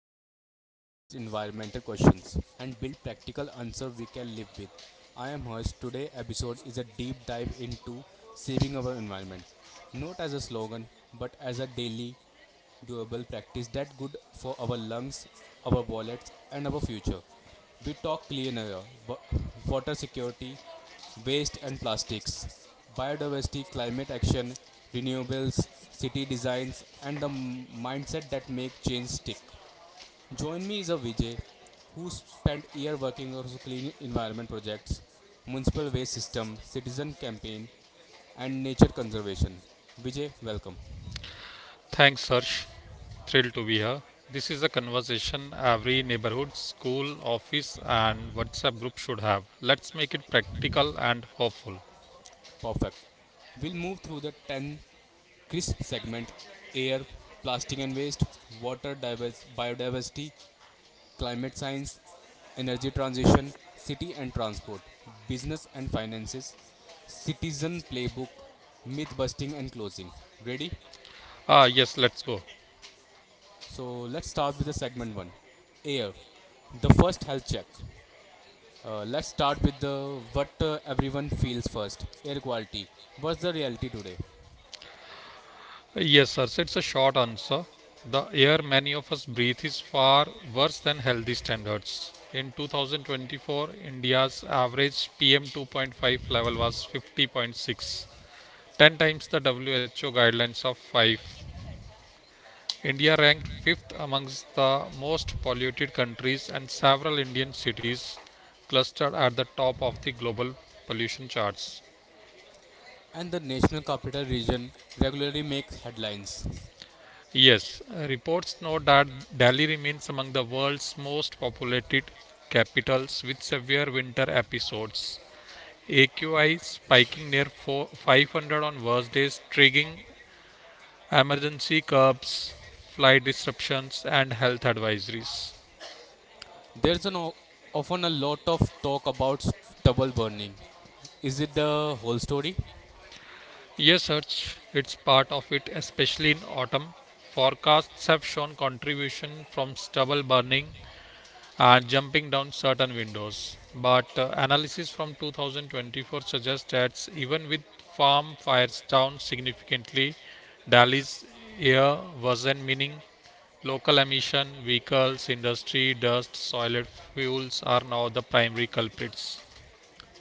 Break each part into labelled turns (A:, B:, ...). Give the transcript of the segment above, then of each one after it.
A: we break down the biggest environmental questions and build practical answers we can live with. I am Harsh. Today episode is a deep dive into saving our environment, not as a slogan but as a daily doable practice that good for our lungs, our wallets, and our future. We talk clean air, wa- water security, waste and plastics, biodiversity, climate action, renewables, city designs, and the mindset that make change stick. Join me is a Vijay, who spent year working on clean environment projects, municipal waste system, citizen campaign, and nature conservation. Vijay, welcome.
B: Thanks, Harsh. Thrilled to be here. This is a conversation every neighborhood, school, office, and WhatsApp group should have. Let's make it practical and hopeful.
A: Perfect. We'll move through the 10 crisp segment: air, plastic and waste, water, biodiversity, climate science, energy transition, city and transport, business and finances, citizen playbook, myth busting, and closing. Ready?
B: Ah, yes, let's go.
A: So let's start with the segment 1, air. The first health check. Let's start with the what everyone feels first, air quality. What's the reality today?
B: Yes, Harsh, it's a short answer. The air many of us breathe is far worse than healthy standards. In 2024, India's average PM 2.5 level was 50.6, 10 times the WHO guidelines of 5. India ranked fifth amongst the most polluted countries, and several Indian cities clustered at the top of the global pollution charts.
A: And the National Capital Region regularly makes headlines.
B: Yes, reports note that Delhi remains among the world's most populated capitals with severe winter episodes. AQI spiking near four, 500 on worst days, triggering emergency curbs, flight disruptions, and health advisories.
A: There's an often a lot of talk about stubble burning. Is it the whole story?
B: Yes, Harsh, it's part of it, especially in autumn. Forecasts have shown contribution from stubble burning and jumping down certain windows. But analysis from 2024 suggests that even with farm fires down significantly, Delhi's air wasn't meaning local emission, vehicles, industry, dust, soiled fuels are now the primary culprits.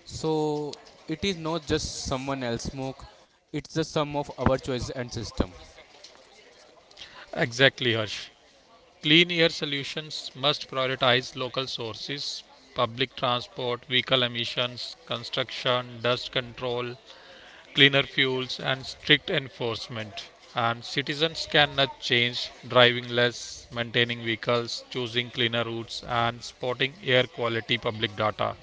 A: So it is not just someone else's smoke; it's the sum of our choices and system.
B: Exactly, Harsh. Clean air solutions must prioritize local sources, public transport, vehicle emissions, construction, dust control, cleaner fuels, and strict enforcement. And citizens cannot change driving less, maintaining vehicles, choosing cleaner routes, and spotting air quality public data.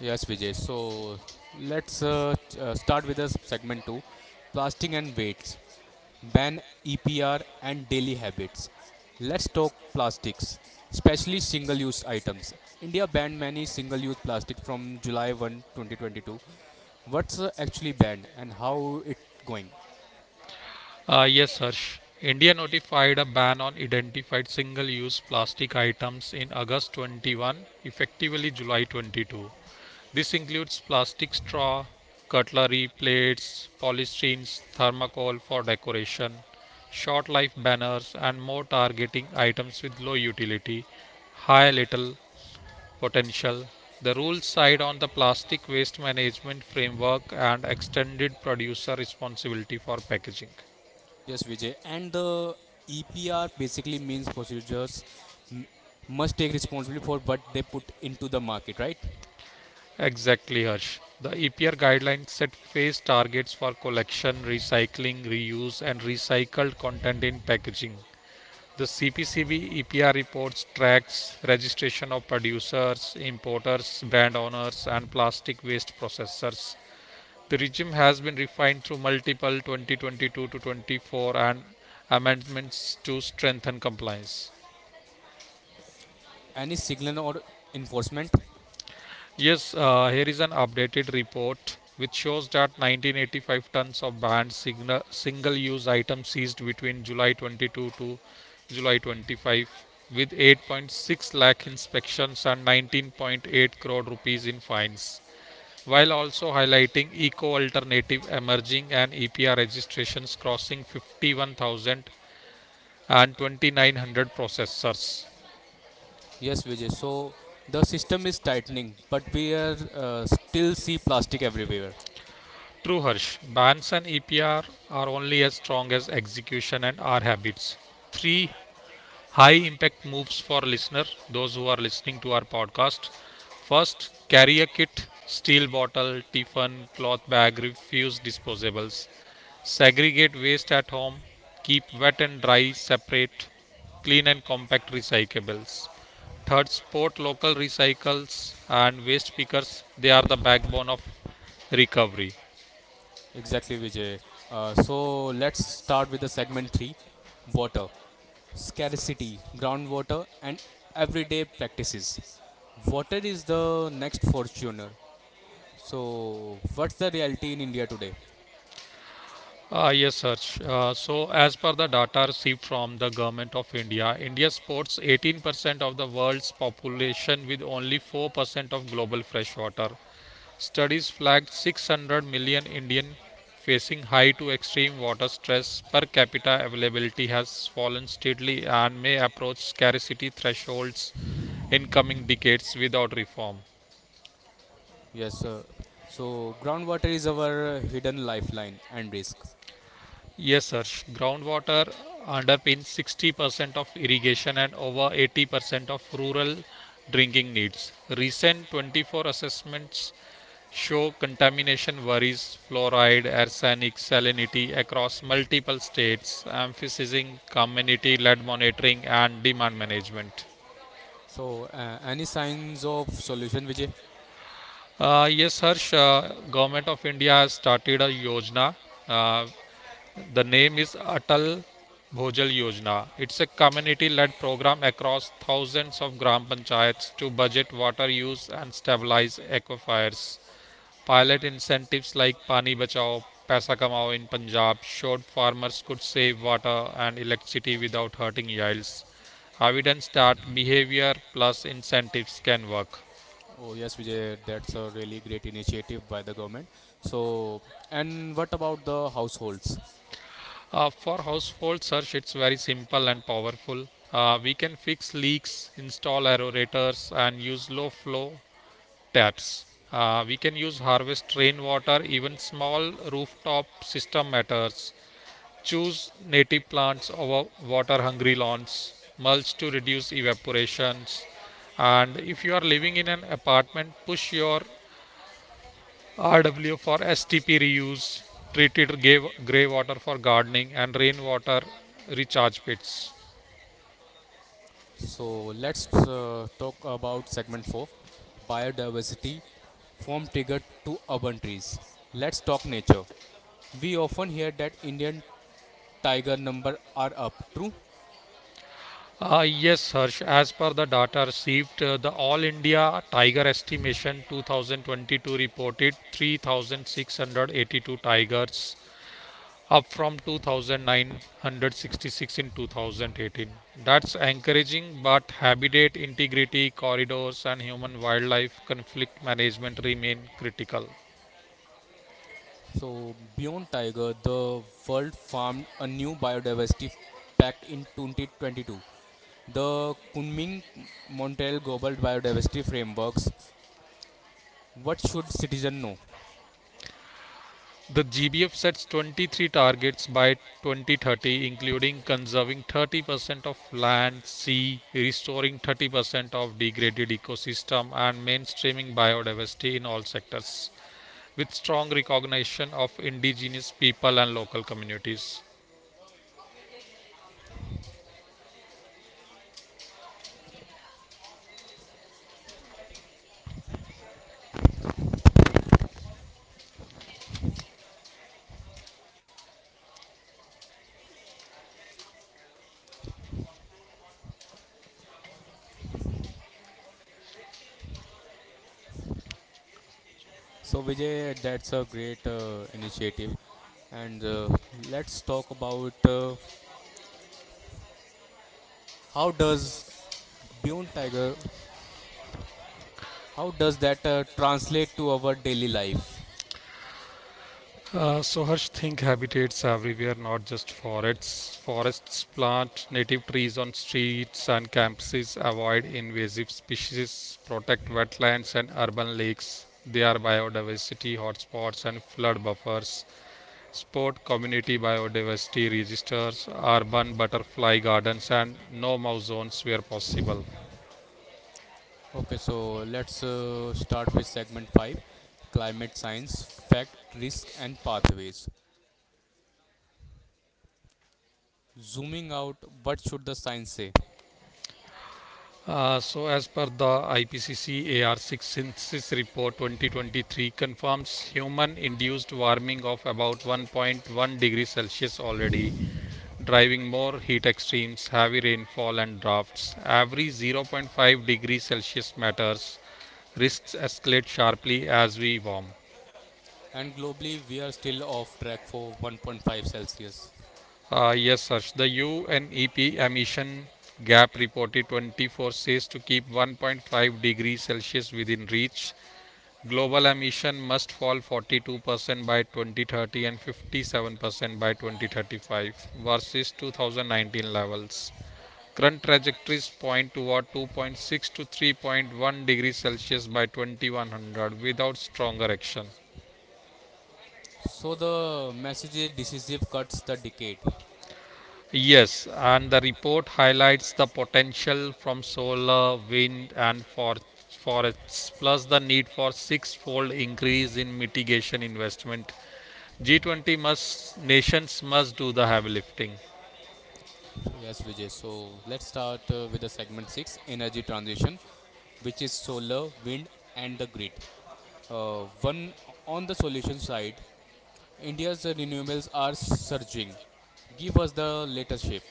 A: Yes, Vijay. So let's start with the segment two, plastic and weights, ban EPR, and daily habits. Let's talk plastics, especially single use items. India banned many single use plastic from July 1, 2022. What's actually banned and how it going?
B: Yes, Harsh. India notified a ban on identified single use plastic items in August 21, effectively July 22. This includes plastic straw, cutlery, plates, polysterenes, thermocol for decoration, short life banners, and more targeting items with low utility, high little potential. The rules side on the plastic waste management framework and extended producer responsibility for packaging.
A: Yes, Vijay. And the EPR basically means procedures m- must take responsibility for what they put into the market, right?
B: Exactly, Harsh. The EPR guidelines set phase targets for collection, recycling, reuse, and recycled content in packaging. The CPCB EPR reports tracks registration of producers, importers, brand owners, and plastic waste processors. The regime has been refined through multiple 2022 to 24 and amendments to strengthen compliance.
A: Any signal or enforcement?
B: Yes, here is an updated report which shows that 1985 tons of banned single-use items seized between July 22 to July 25, with 8.6 lakh inspections and 19.8 crore rupees in fines, while also highlighting eco alternative emerging and EPR registrations crossing 51,000 and 2,900 processors.
A: Yes, Vijay. So the system is tightening, but we are still see plastic everywhere.
B: True, Harsh. Bans and EPR are only as strong as execution and our habits. Three high impact moves for listener, those who are listening to our podcast. First, carry a kit, steel bottle, tiffin, cloth bag, refuse disposables. Segregate waste at home, keep wet and dry separate, clean and compact recyclables. Third, support local recycles and waste pickers. They are the backbone of recovery.
A: Exactly, Vijay. So let's start with the segment 3, water scarcity, groundwater, and everyday practices. Water is the next fortuner. So what's the reality in India today?
B: Yes, Harsh. So, as per the data received from the government of India, India sports 18% of the world's population with only 4% of global freshwater. Studies flagged 600 million Indian facing high to extreme water stress per capita availability has fallen steadily and may approach scarcity thresholds in coming decades without reform.
A: Yes uh, so groundwater is our hidden lifeline and risk.
B: Yes, sir. Groundwater underpins 60% of irrigation and over 80% of rural drinking needs. Recent 24 assessments show contamination worries, fluoride, arsenic, salinity across multiple states, emphasizing community led monitoring and demand management.
A: So, any signs of solution, Vijay?
B: Yes, Harsh. Government of India has started a yojana uh, The name is Atal Bhojal Yojana. It's a community led program across thousands of gram panchayats to budget water use and stabilize aquifers. Pilot incentives like Pani Bachao, Paisa Kamao in Punjab showed farmers could save water and electricity without hurting yields. Evidence that behavior plus incentives can work.
A: Oh, yes, Vijay, that's a really great initiative by the government. So, and what about the households?
B: For household search, it's very simple and powerful. We can fix leaks, install aerators, and use low flow taps. We can use harvest rainwater, even small rooftop system matters. Choose native plants over water hungry lawns, mulch to reduce evaporations. And if you are living in an apartment, push your RW for STP reuse, treated grey water for gardening, and rainwater recharge pits.
A: So, let's talk about segment 4, biodiversity, from tiger to urban trees. Let's talk nature. We often hear that Indian tiger number are up, true?
B: Yes, Harsh, as per the data received, the All India Tiger Estimation 2022 reported 3,682 tigers, up from 2,966 in 2018. That's encouraging, but habitat integrity, corridors, and human wildlife conflict management remain critical.
A: So, beyond tiger, the world farmed a new biodiversity pact in 2022, the Kunming Montreal Global Biodiversity Frameworks. What should citizen know?
B: The GBF sets 23 targets by 2030, including conserving 30% of land, sea, restoring 30% of degraded ecosystem, and mainstreaming biodiversity in all sectors, with strong recognition of indigenous people and local communities.
A: So Vijay, that's a great initiative, and let's talk about how does Beyond Tiger, how does that translate to our daily life?
B: So Harsh think habitats everywhere, not just forests. Forests plant native trees on streets and campuses, avoid invasive species, protect wetlands and urban lakes. They are biodiversity hotspots and flood buffers. Support community biodiversity registers, urban butterfly gardens, and no mouse zones where possible.
A: Okay, so let's start with segment five, climate science, fact, risk, and pathways. Zooming out, what should the science say?
B: So, as per the IPCC AR6 Synthesis Report 2023, confirms human induced warming of about 1.1 degrees Celsius already, driving more heat extremes, heavy rainfall, and drafts. Every zero point 0.5 degrees Celsius matters. Risks escalate sharply as we warm.
A: And globally we are still off track for 1.5 Celsius.
B: Yes, Harsh, the UNEP emission gap reported 24 says to keep 1.5 degrees Celsius within reach. Global emission must fall 42% by 2030 and 57% by 2035 versus 2019 levels. Current trajectories point toward 2.6 to 3.1 degrees Celsius by 2100 without stronger action.
A: So the message is decisive cuts the decade.
B: Yes, and the report highlights the potential from solar, wind, and forests, plus the need for six fold increase in mitigation investment G20 must nations must do the heavy lifting.
A: So yes, Vijay. So let's start with the segment six, energy transition, which is solar, wind, and the grid. One on the solution side, India's renewables are surging. Give us the latest shape.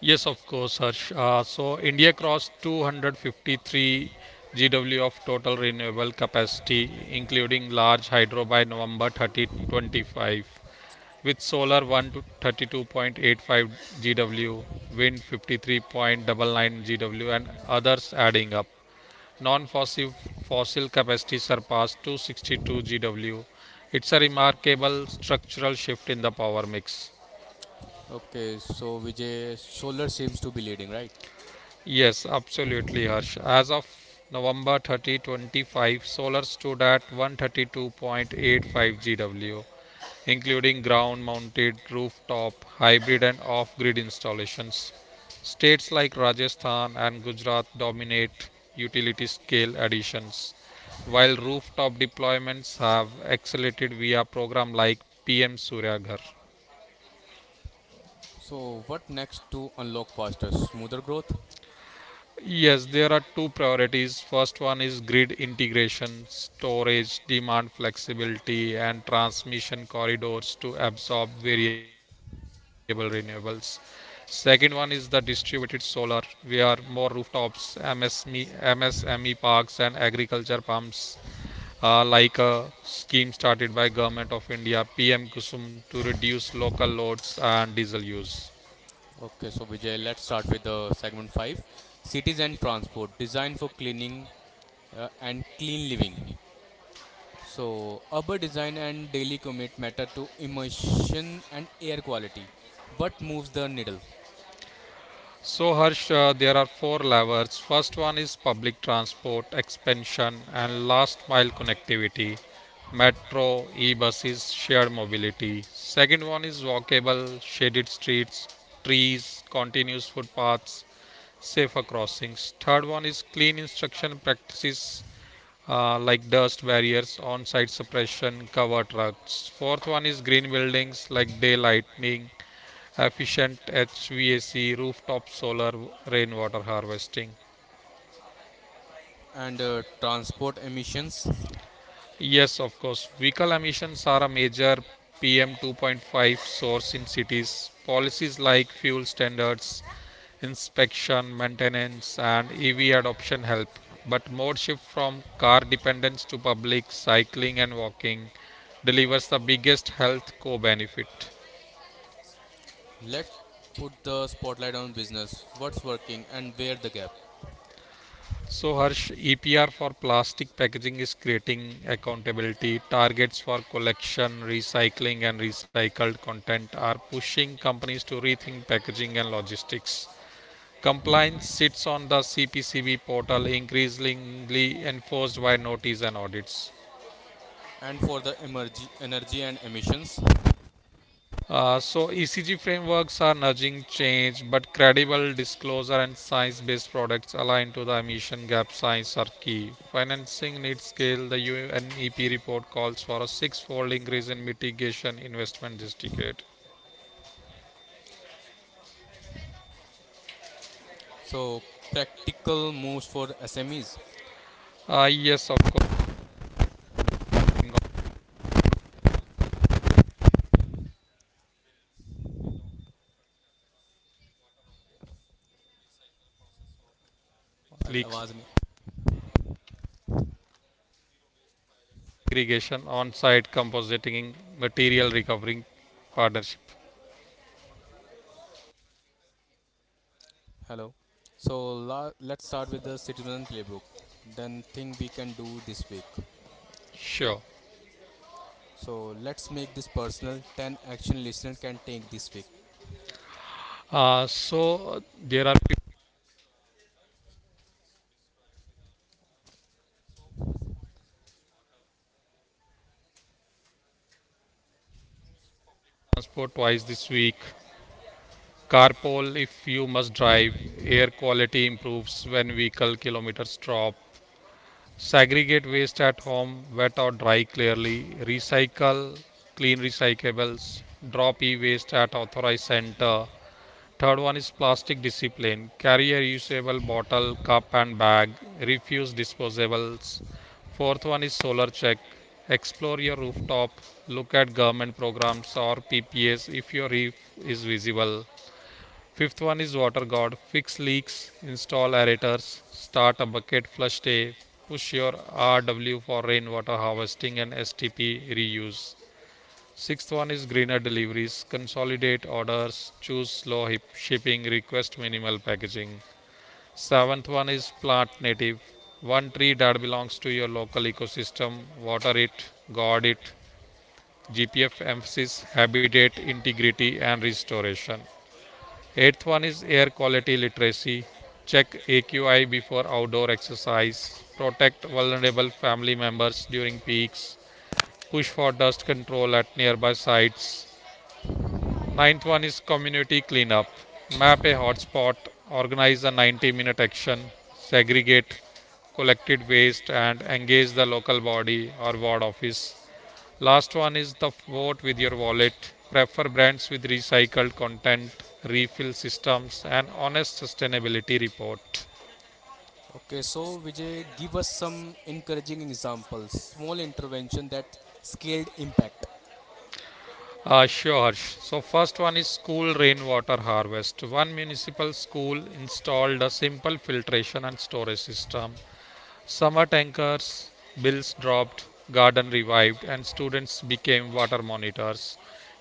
B: Yes, of course, Harsh. So India crossed 253 GW of total renewable capacity, including large hydro by November 30, 25, with solar 132.85 GW, wind 53.99 GW, and others adding up. Non-fossil fossil capacity surpassed 262 GW. It's a remarkable structural shift in the power mix.
A: Okay, so Vijay, solar seems to be leading, right?
B: Yes, absolutely, Harsh. As of November 30, 25, solar stood at 132.85 GW, including ground mounted, rooftop, hybrid, and off grid installations. States like Rajasthan and Gujarat dominate utility scale additions, while rooftop deployments have accelerated via program like PM Surya Ghar.
A: So what next to unlock faster, smoother growth?
B: Yes, there are two priorities. First one is grid integration, storage, demand flexibility, and transmission corridors to absorb variable renewables. Second one is the distributed solar, where more rooftops, MSME parks, and agriculture pumps, like a scheme started by Government of India, PM Kusum, to reduce local loads and diesel use.
A: Okay, so Vijay, let's start with the segment 5, cities and transport designed for cleaning and clean living. So, urban design and daily commute matter to emission and air quality. What moves the needle?
B: So Harsh, there are four levers. First one is public transport expansion and last mile connectivity, metro, e-buses, shared mobility. Second one is walkable, shaded streets, trees, continuous footpaths, safer crossings. Third one is clean instruction practices like dust barriers, on-site suppression, cover trucks. Fourth one is green buildings like daylighting, efficient HVAC, rooftop solar, rainwater harvesting.
A: And transport emissions.
B: Yes, of course, vehicle emissions are a major PM 2.5 source in cities. Policies like fuel standards, inspection, maintenance, and EV adoption help. But more shift from car dependence to public cycling and walking delivers the biggest health co benefit.
A: Let's put the spotlight on business. What's working and where the gap?
B: So, Harsh, EPR for plastic packaging is creating accountability. Targets for collection, recycling, and recycled content are pushing companies to rethink packaging and logistics. Compliance sits on the CPCB portal, increasingly enforced by notice and audits.
A: And for the energy and emissions.
B: So ECG frameworks are nudging change, but credible disclosure and science-based products aligned to the emission gap science are key. Financing needs scale. The UNEP report calls for a six-fold increase in mitigation investment this decade.
A: So, practical moves for SMEs.
B: Yes, of course, leaks
A: आवाज नहीं.
B: irrigation, on-site compositing, material recovering partnership.
A: Hello. So let's start with the citizen playbook. Then thing we can do this week.
B: Sure.
A: So let's make this personal. Ten action listener can take this week.
B: So there are transport twice this week. Carpool if you must drive. Air quality improves when vehicle kilometers drop. Segregate waste at home, wet or dry clearly. Recycle, clean recyclables. Drop e waste at authorized center. Third one is plastic discipline. Carry a reusable bottle, cup, and bag. Refuse disposables. Fourth one is solar check. Explore your rooftop. Look at government programs or PPS if your roof is visible. Fifth one is water god. Fix leaks, install aerators, start a bucket flush day, push your RW for rainwater harvesting and STP reuse. Sixth one is greener deliveries, consolidate orders, choose slow shipping, request minimal packaging. Seventh one is plant native. One tree that belongs to your local ecosystem, water it, guard it. GPF emphasis habitat integrity and restoration. Eighth one is air quality literacy. Check AQI before outdoor exercise. Protect vulnerable family members during peaks. Push for dust control at nearby sites. Ninth one is community cleanup. Map a hotspot. Organize a 90-minute action. Segregate collected waste and engage the local body or ward office. Last one is the vote with your wallet. Prefer brands with recycled content, refill systems, and honest sustainability report.
A: Okay. So Vijay, give us some encouraging examples. Small intervention that scaled impact.
B: Sure. So first one is school rainwater harvest. One municipal school installed a simple filtration and storage system. Summer tankers, bills dropped, garden revived, and students became water monitors.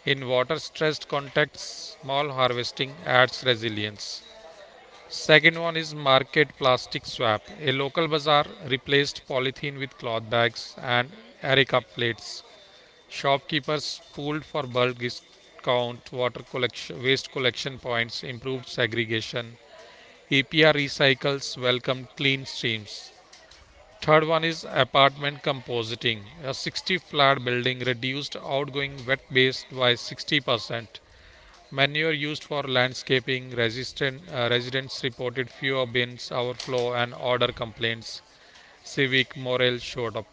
B: In water stressed contexts, small harvesting adds resilience. Second one is market plastic swap. A local bazaar replaced polythene with cloth bags and areca plates. Shopkeepers pooled for bulk discount, water collection, waste collection points, improved segregation. EPR recycles welcomed clean streams. Third one is apartment compositing. A 60 flat building reduced outgoing wet waste by 60%. Manure used for landscaping, residents reported fewer bins overflow and odor complaints. Civic morale showed up.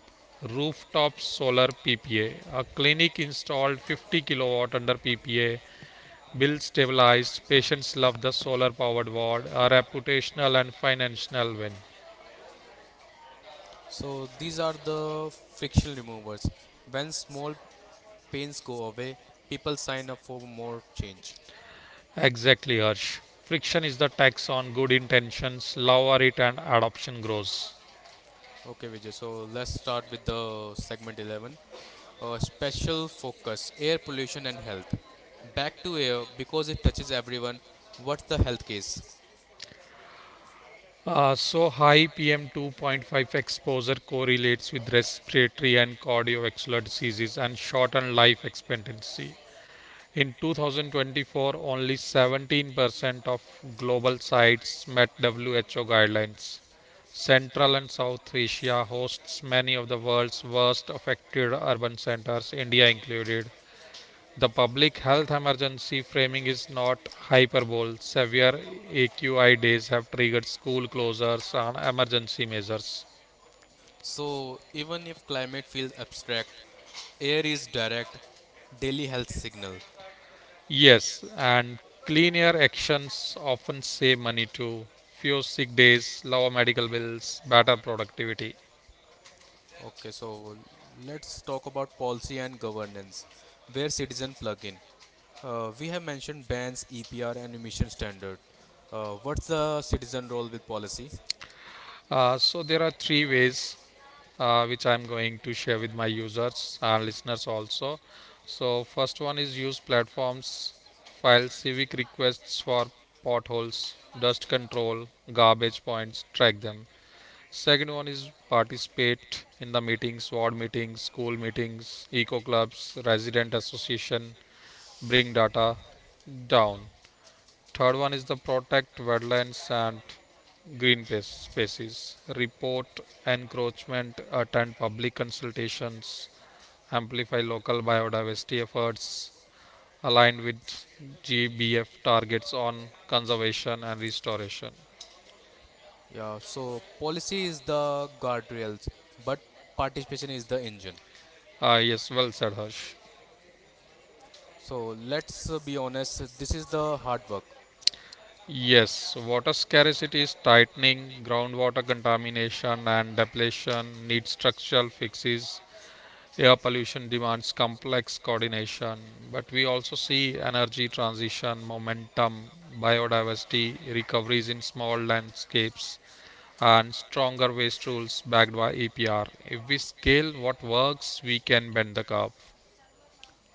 B: Rooftop solar PPA. A clinic installed 50 kW kilowatt under PPA. Bill stabilized. Patients love the solar powered ward. A reputational and financial win.
A: So these are the friction removers. When small pains go away, people sign up for more change.
B: Exactly, Harsh. Friction is the tax on good intentions. Lower it and adoption grows.
A: Okay, Vijay. So let's start with the segment 11. Special focus air pollution and health. Back to air because it touches everyone. What's the health case?
B: So high PM2.5 exposure correlates with respiratory and cardiovascular diseases and shortened life expectancy. In 2024, only 17% of global sites met WHO guidelines. Central and South Asia hosts many of the world's worst affected urban centers, India included. The public health emergency framing is not hyperbole. Severe AQI days have triggered school closures and emergency measures.
A: So, even if climate feels abstract, air is direct daily health signal.
B: Yes, and clean air actions often save money too. Few sick days, lower medical bills, better productivity.
A: Okay, so let's talk about policy and governance, where citizen plug in. We have mentioned bans, EPR, and emission standard. What's the citizen role with policy?
B: So there are three ways which I'm going to share with my users and listeners also. So first one is use platforms, file civic requests for potholes, dust control, garbage points, track them. Second one is participate in the meetings, ward meetings, school meetings, eco clubs, resident association, bring data down. Third one is the protect wetlands and spaces, report encroachment, attend public consultations, amplify local biodiversity efforts aligned with GBF targets on conservation and restoration.
A: Yeah, so policy is the guardrails, but participation is the engine.
B: Yes, well said, Harsh.
A: So let's be honest, this is the hard work.
B: Yes, water scarcity is tightening, groundwater contamination and depletion need structural fixes. Air pollution demands complex coordination, but we also see energy transition, momentum, biodiversity, recoveries in small landscapes, and stronger waste rules backed by EPR. If we scale what works, we can bend the curve.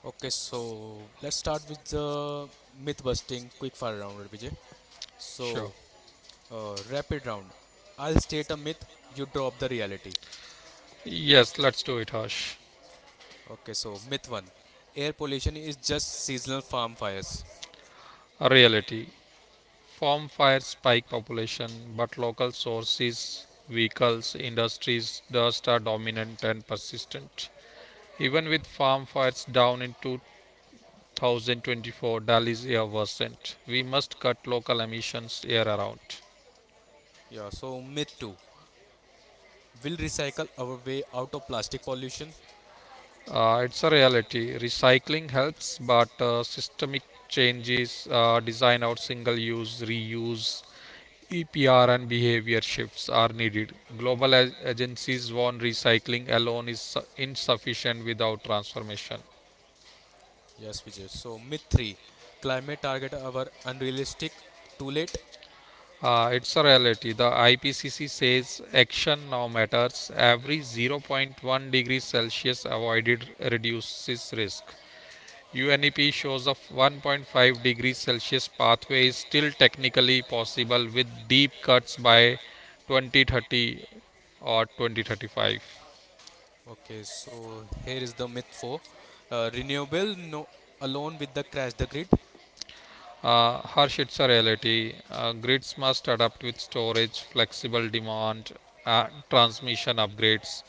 A: Okay, so let's start with the myth busting quick fire round, Vijay.
B: Sure.
A: So, rapid round. I'll state a myth, you drop the reality.
B: Yes, let's do it, Harsh.
A: Okay, so myth 1, air pollution is just seasonal farm fires.
B: Reality. Farm fires spike population, but local sources, vehicles, industries, dust are dominant and persistent. Even with farm fires down in two 2024, Dali's year wasn't. We must cut local emissions year around.
A: Yeah, so myth 2, we'll recycle our way out of plastic pollution.
B: It's a reality. Recycling helps, but systemic changes, design out single use, reuse, EPR, and behavior shifts are needed. Global agencies warn recycling alone is insufficient without transformation.
A: Yes, Vijay. So, myth three, climate target are unrealistic, too late.
B: It's a reality. The IPCC says action now matters. Every zero point 0.1-degree Celsius avoided reduces risk. UNEP shows a 1.5-degree Celsius pathway is still technically possible with deep cuts by 2030 or 2035.
A: Okay, so here is the myth four, renewable no alone with the crash the grid.
B: Harsh, it's a reality. Grids must adapt with storage, flexible demand, and transmission upgrades.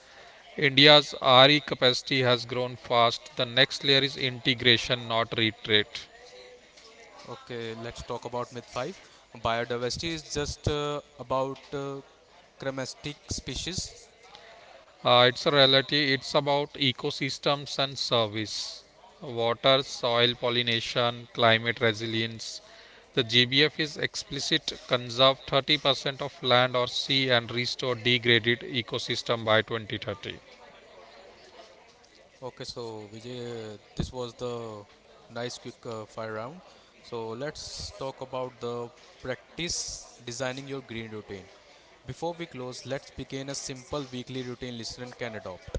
B: India's RE capacity has grown fast. The next layer is integration, not retreat.
A: Okay, let's talk about myth five, biodiversity is just about chromestic species.
B: It's a reality. It's about ecosystems and service, water, soil pollination, climate resilience. The GBF is explicit. Conserve 30% of land or sea and restore degraded ecosystem by 2030.
A: Okay, so Vijay, this was the nice quick fire round. So let's talk about the practice designing your green routine. Before we close, let's begin a simple weekly routine listener can adopt.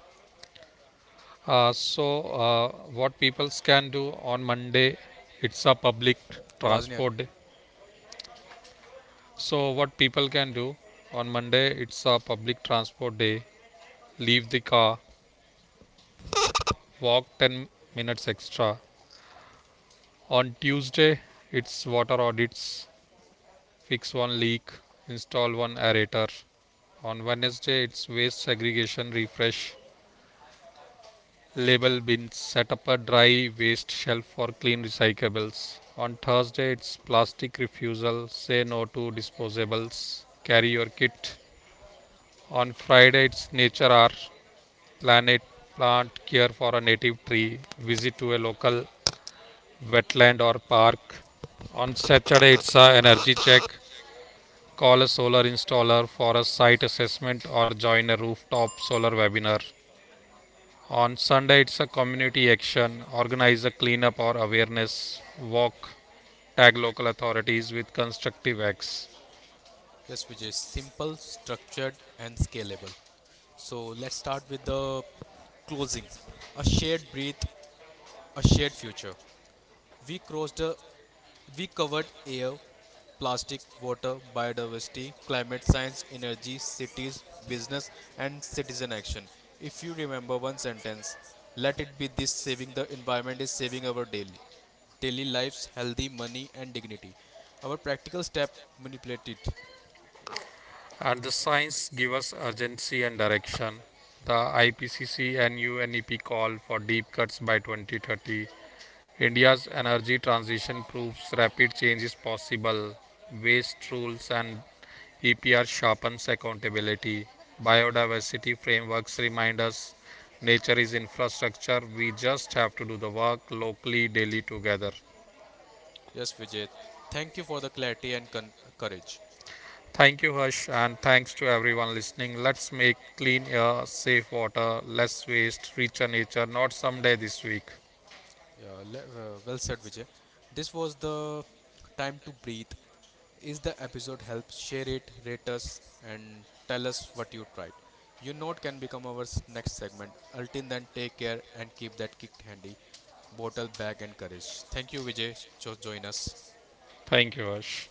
B: What people can do on Monday? It's a public
A: आवाज नहीं आ रही.
B: transport day. So, what people can do on Monday, it's a public transport day. Leave the car, walk 10 minutes extra. On Tuesday, it's water audits, fix one leak, install one aerator. On Wednesday, it's waste segregation refresh, label bins, set up a dry waste shelf for clean recyclables. On Thursday, it's plastic refusal, say no to disposables, carry your kit. On Friday, it's nature hour, planet plant care for a native tree, visit to a local wetland or park. On Saturday, it's a energy check, call a solar installer for a site assessment or join a rooftop solar webinar. On Sunday, it's a community action, organize a cleanup or awareness walk, tag local authorities with constructive acts.
A: Yes, Vijay. Simple, structured, and scalable. So let's start with the closing. A shared breath, a shared future. We crossed a. We covered air, plastic, water, biodiversity, climate science, energy, cities, business, and citizen action. If you remember one sentence, let it be this: saving the environment is saving our daily daily lives, healthy money, and dignity. Our practical step manipulated.
B: And the signs give us urgency and direction. The IPCC and UNEP call for deep cuts by 2030. India's energy transition proves rapid change is possible. Waste rules and EPR sharpens accountability. Biodiversity frameworks remind us nature is infrastructure. We just have to do the work locally, daily together.
A: Yes, Vijay. Thank you for the clarity and courage.
B: Thank you, Harsh, and thanks to everyone listening. Let's make clean air, safe water, less waste, richer nature, not someday this week.
A: Yeah, well said, Vijay. This was the time to breathe. Is the episode help? Share it, rate us, and tell us what you tried. Your note can become our next segment. Until then, take care and keep that kicked handy, bottle, bag, and courage. Thank you, Vijay, join us.
B: Thank you, Harsh.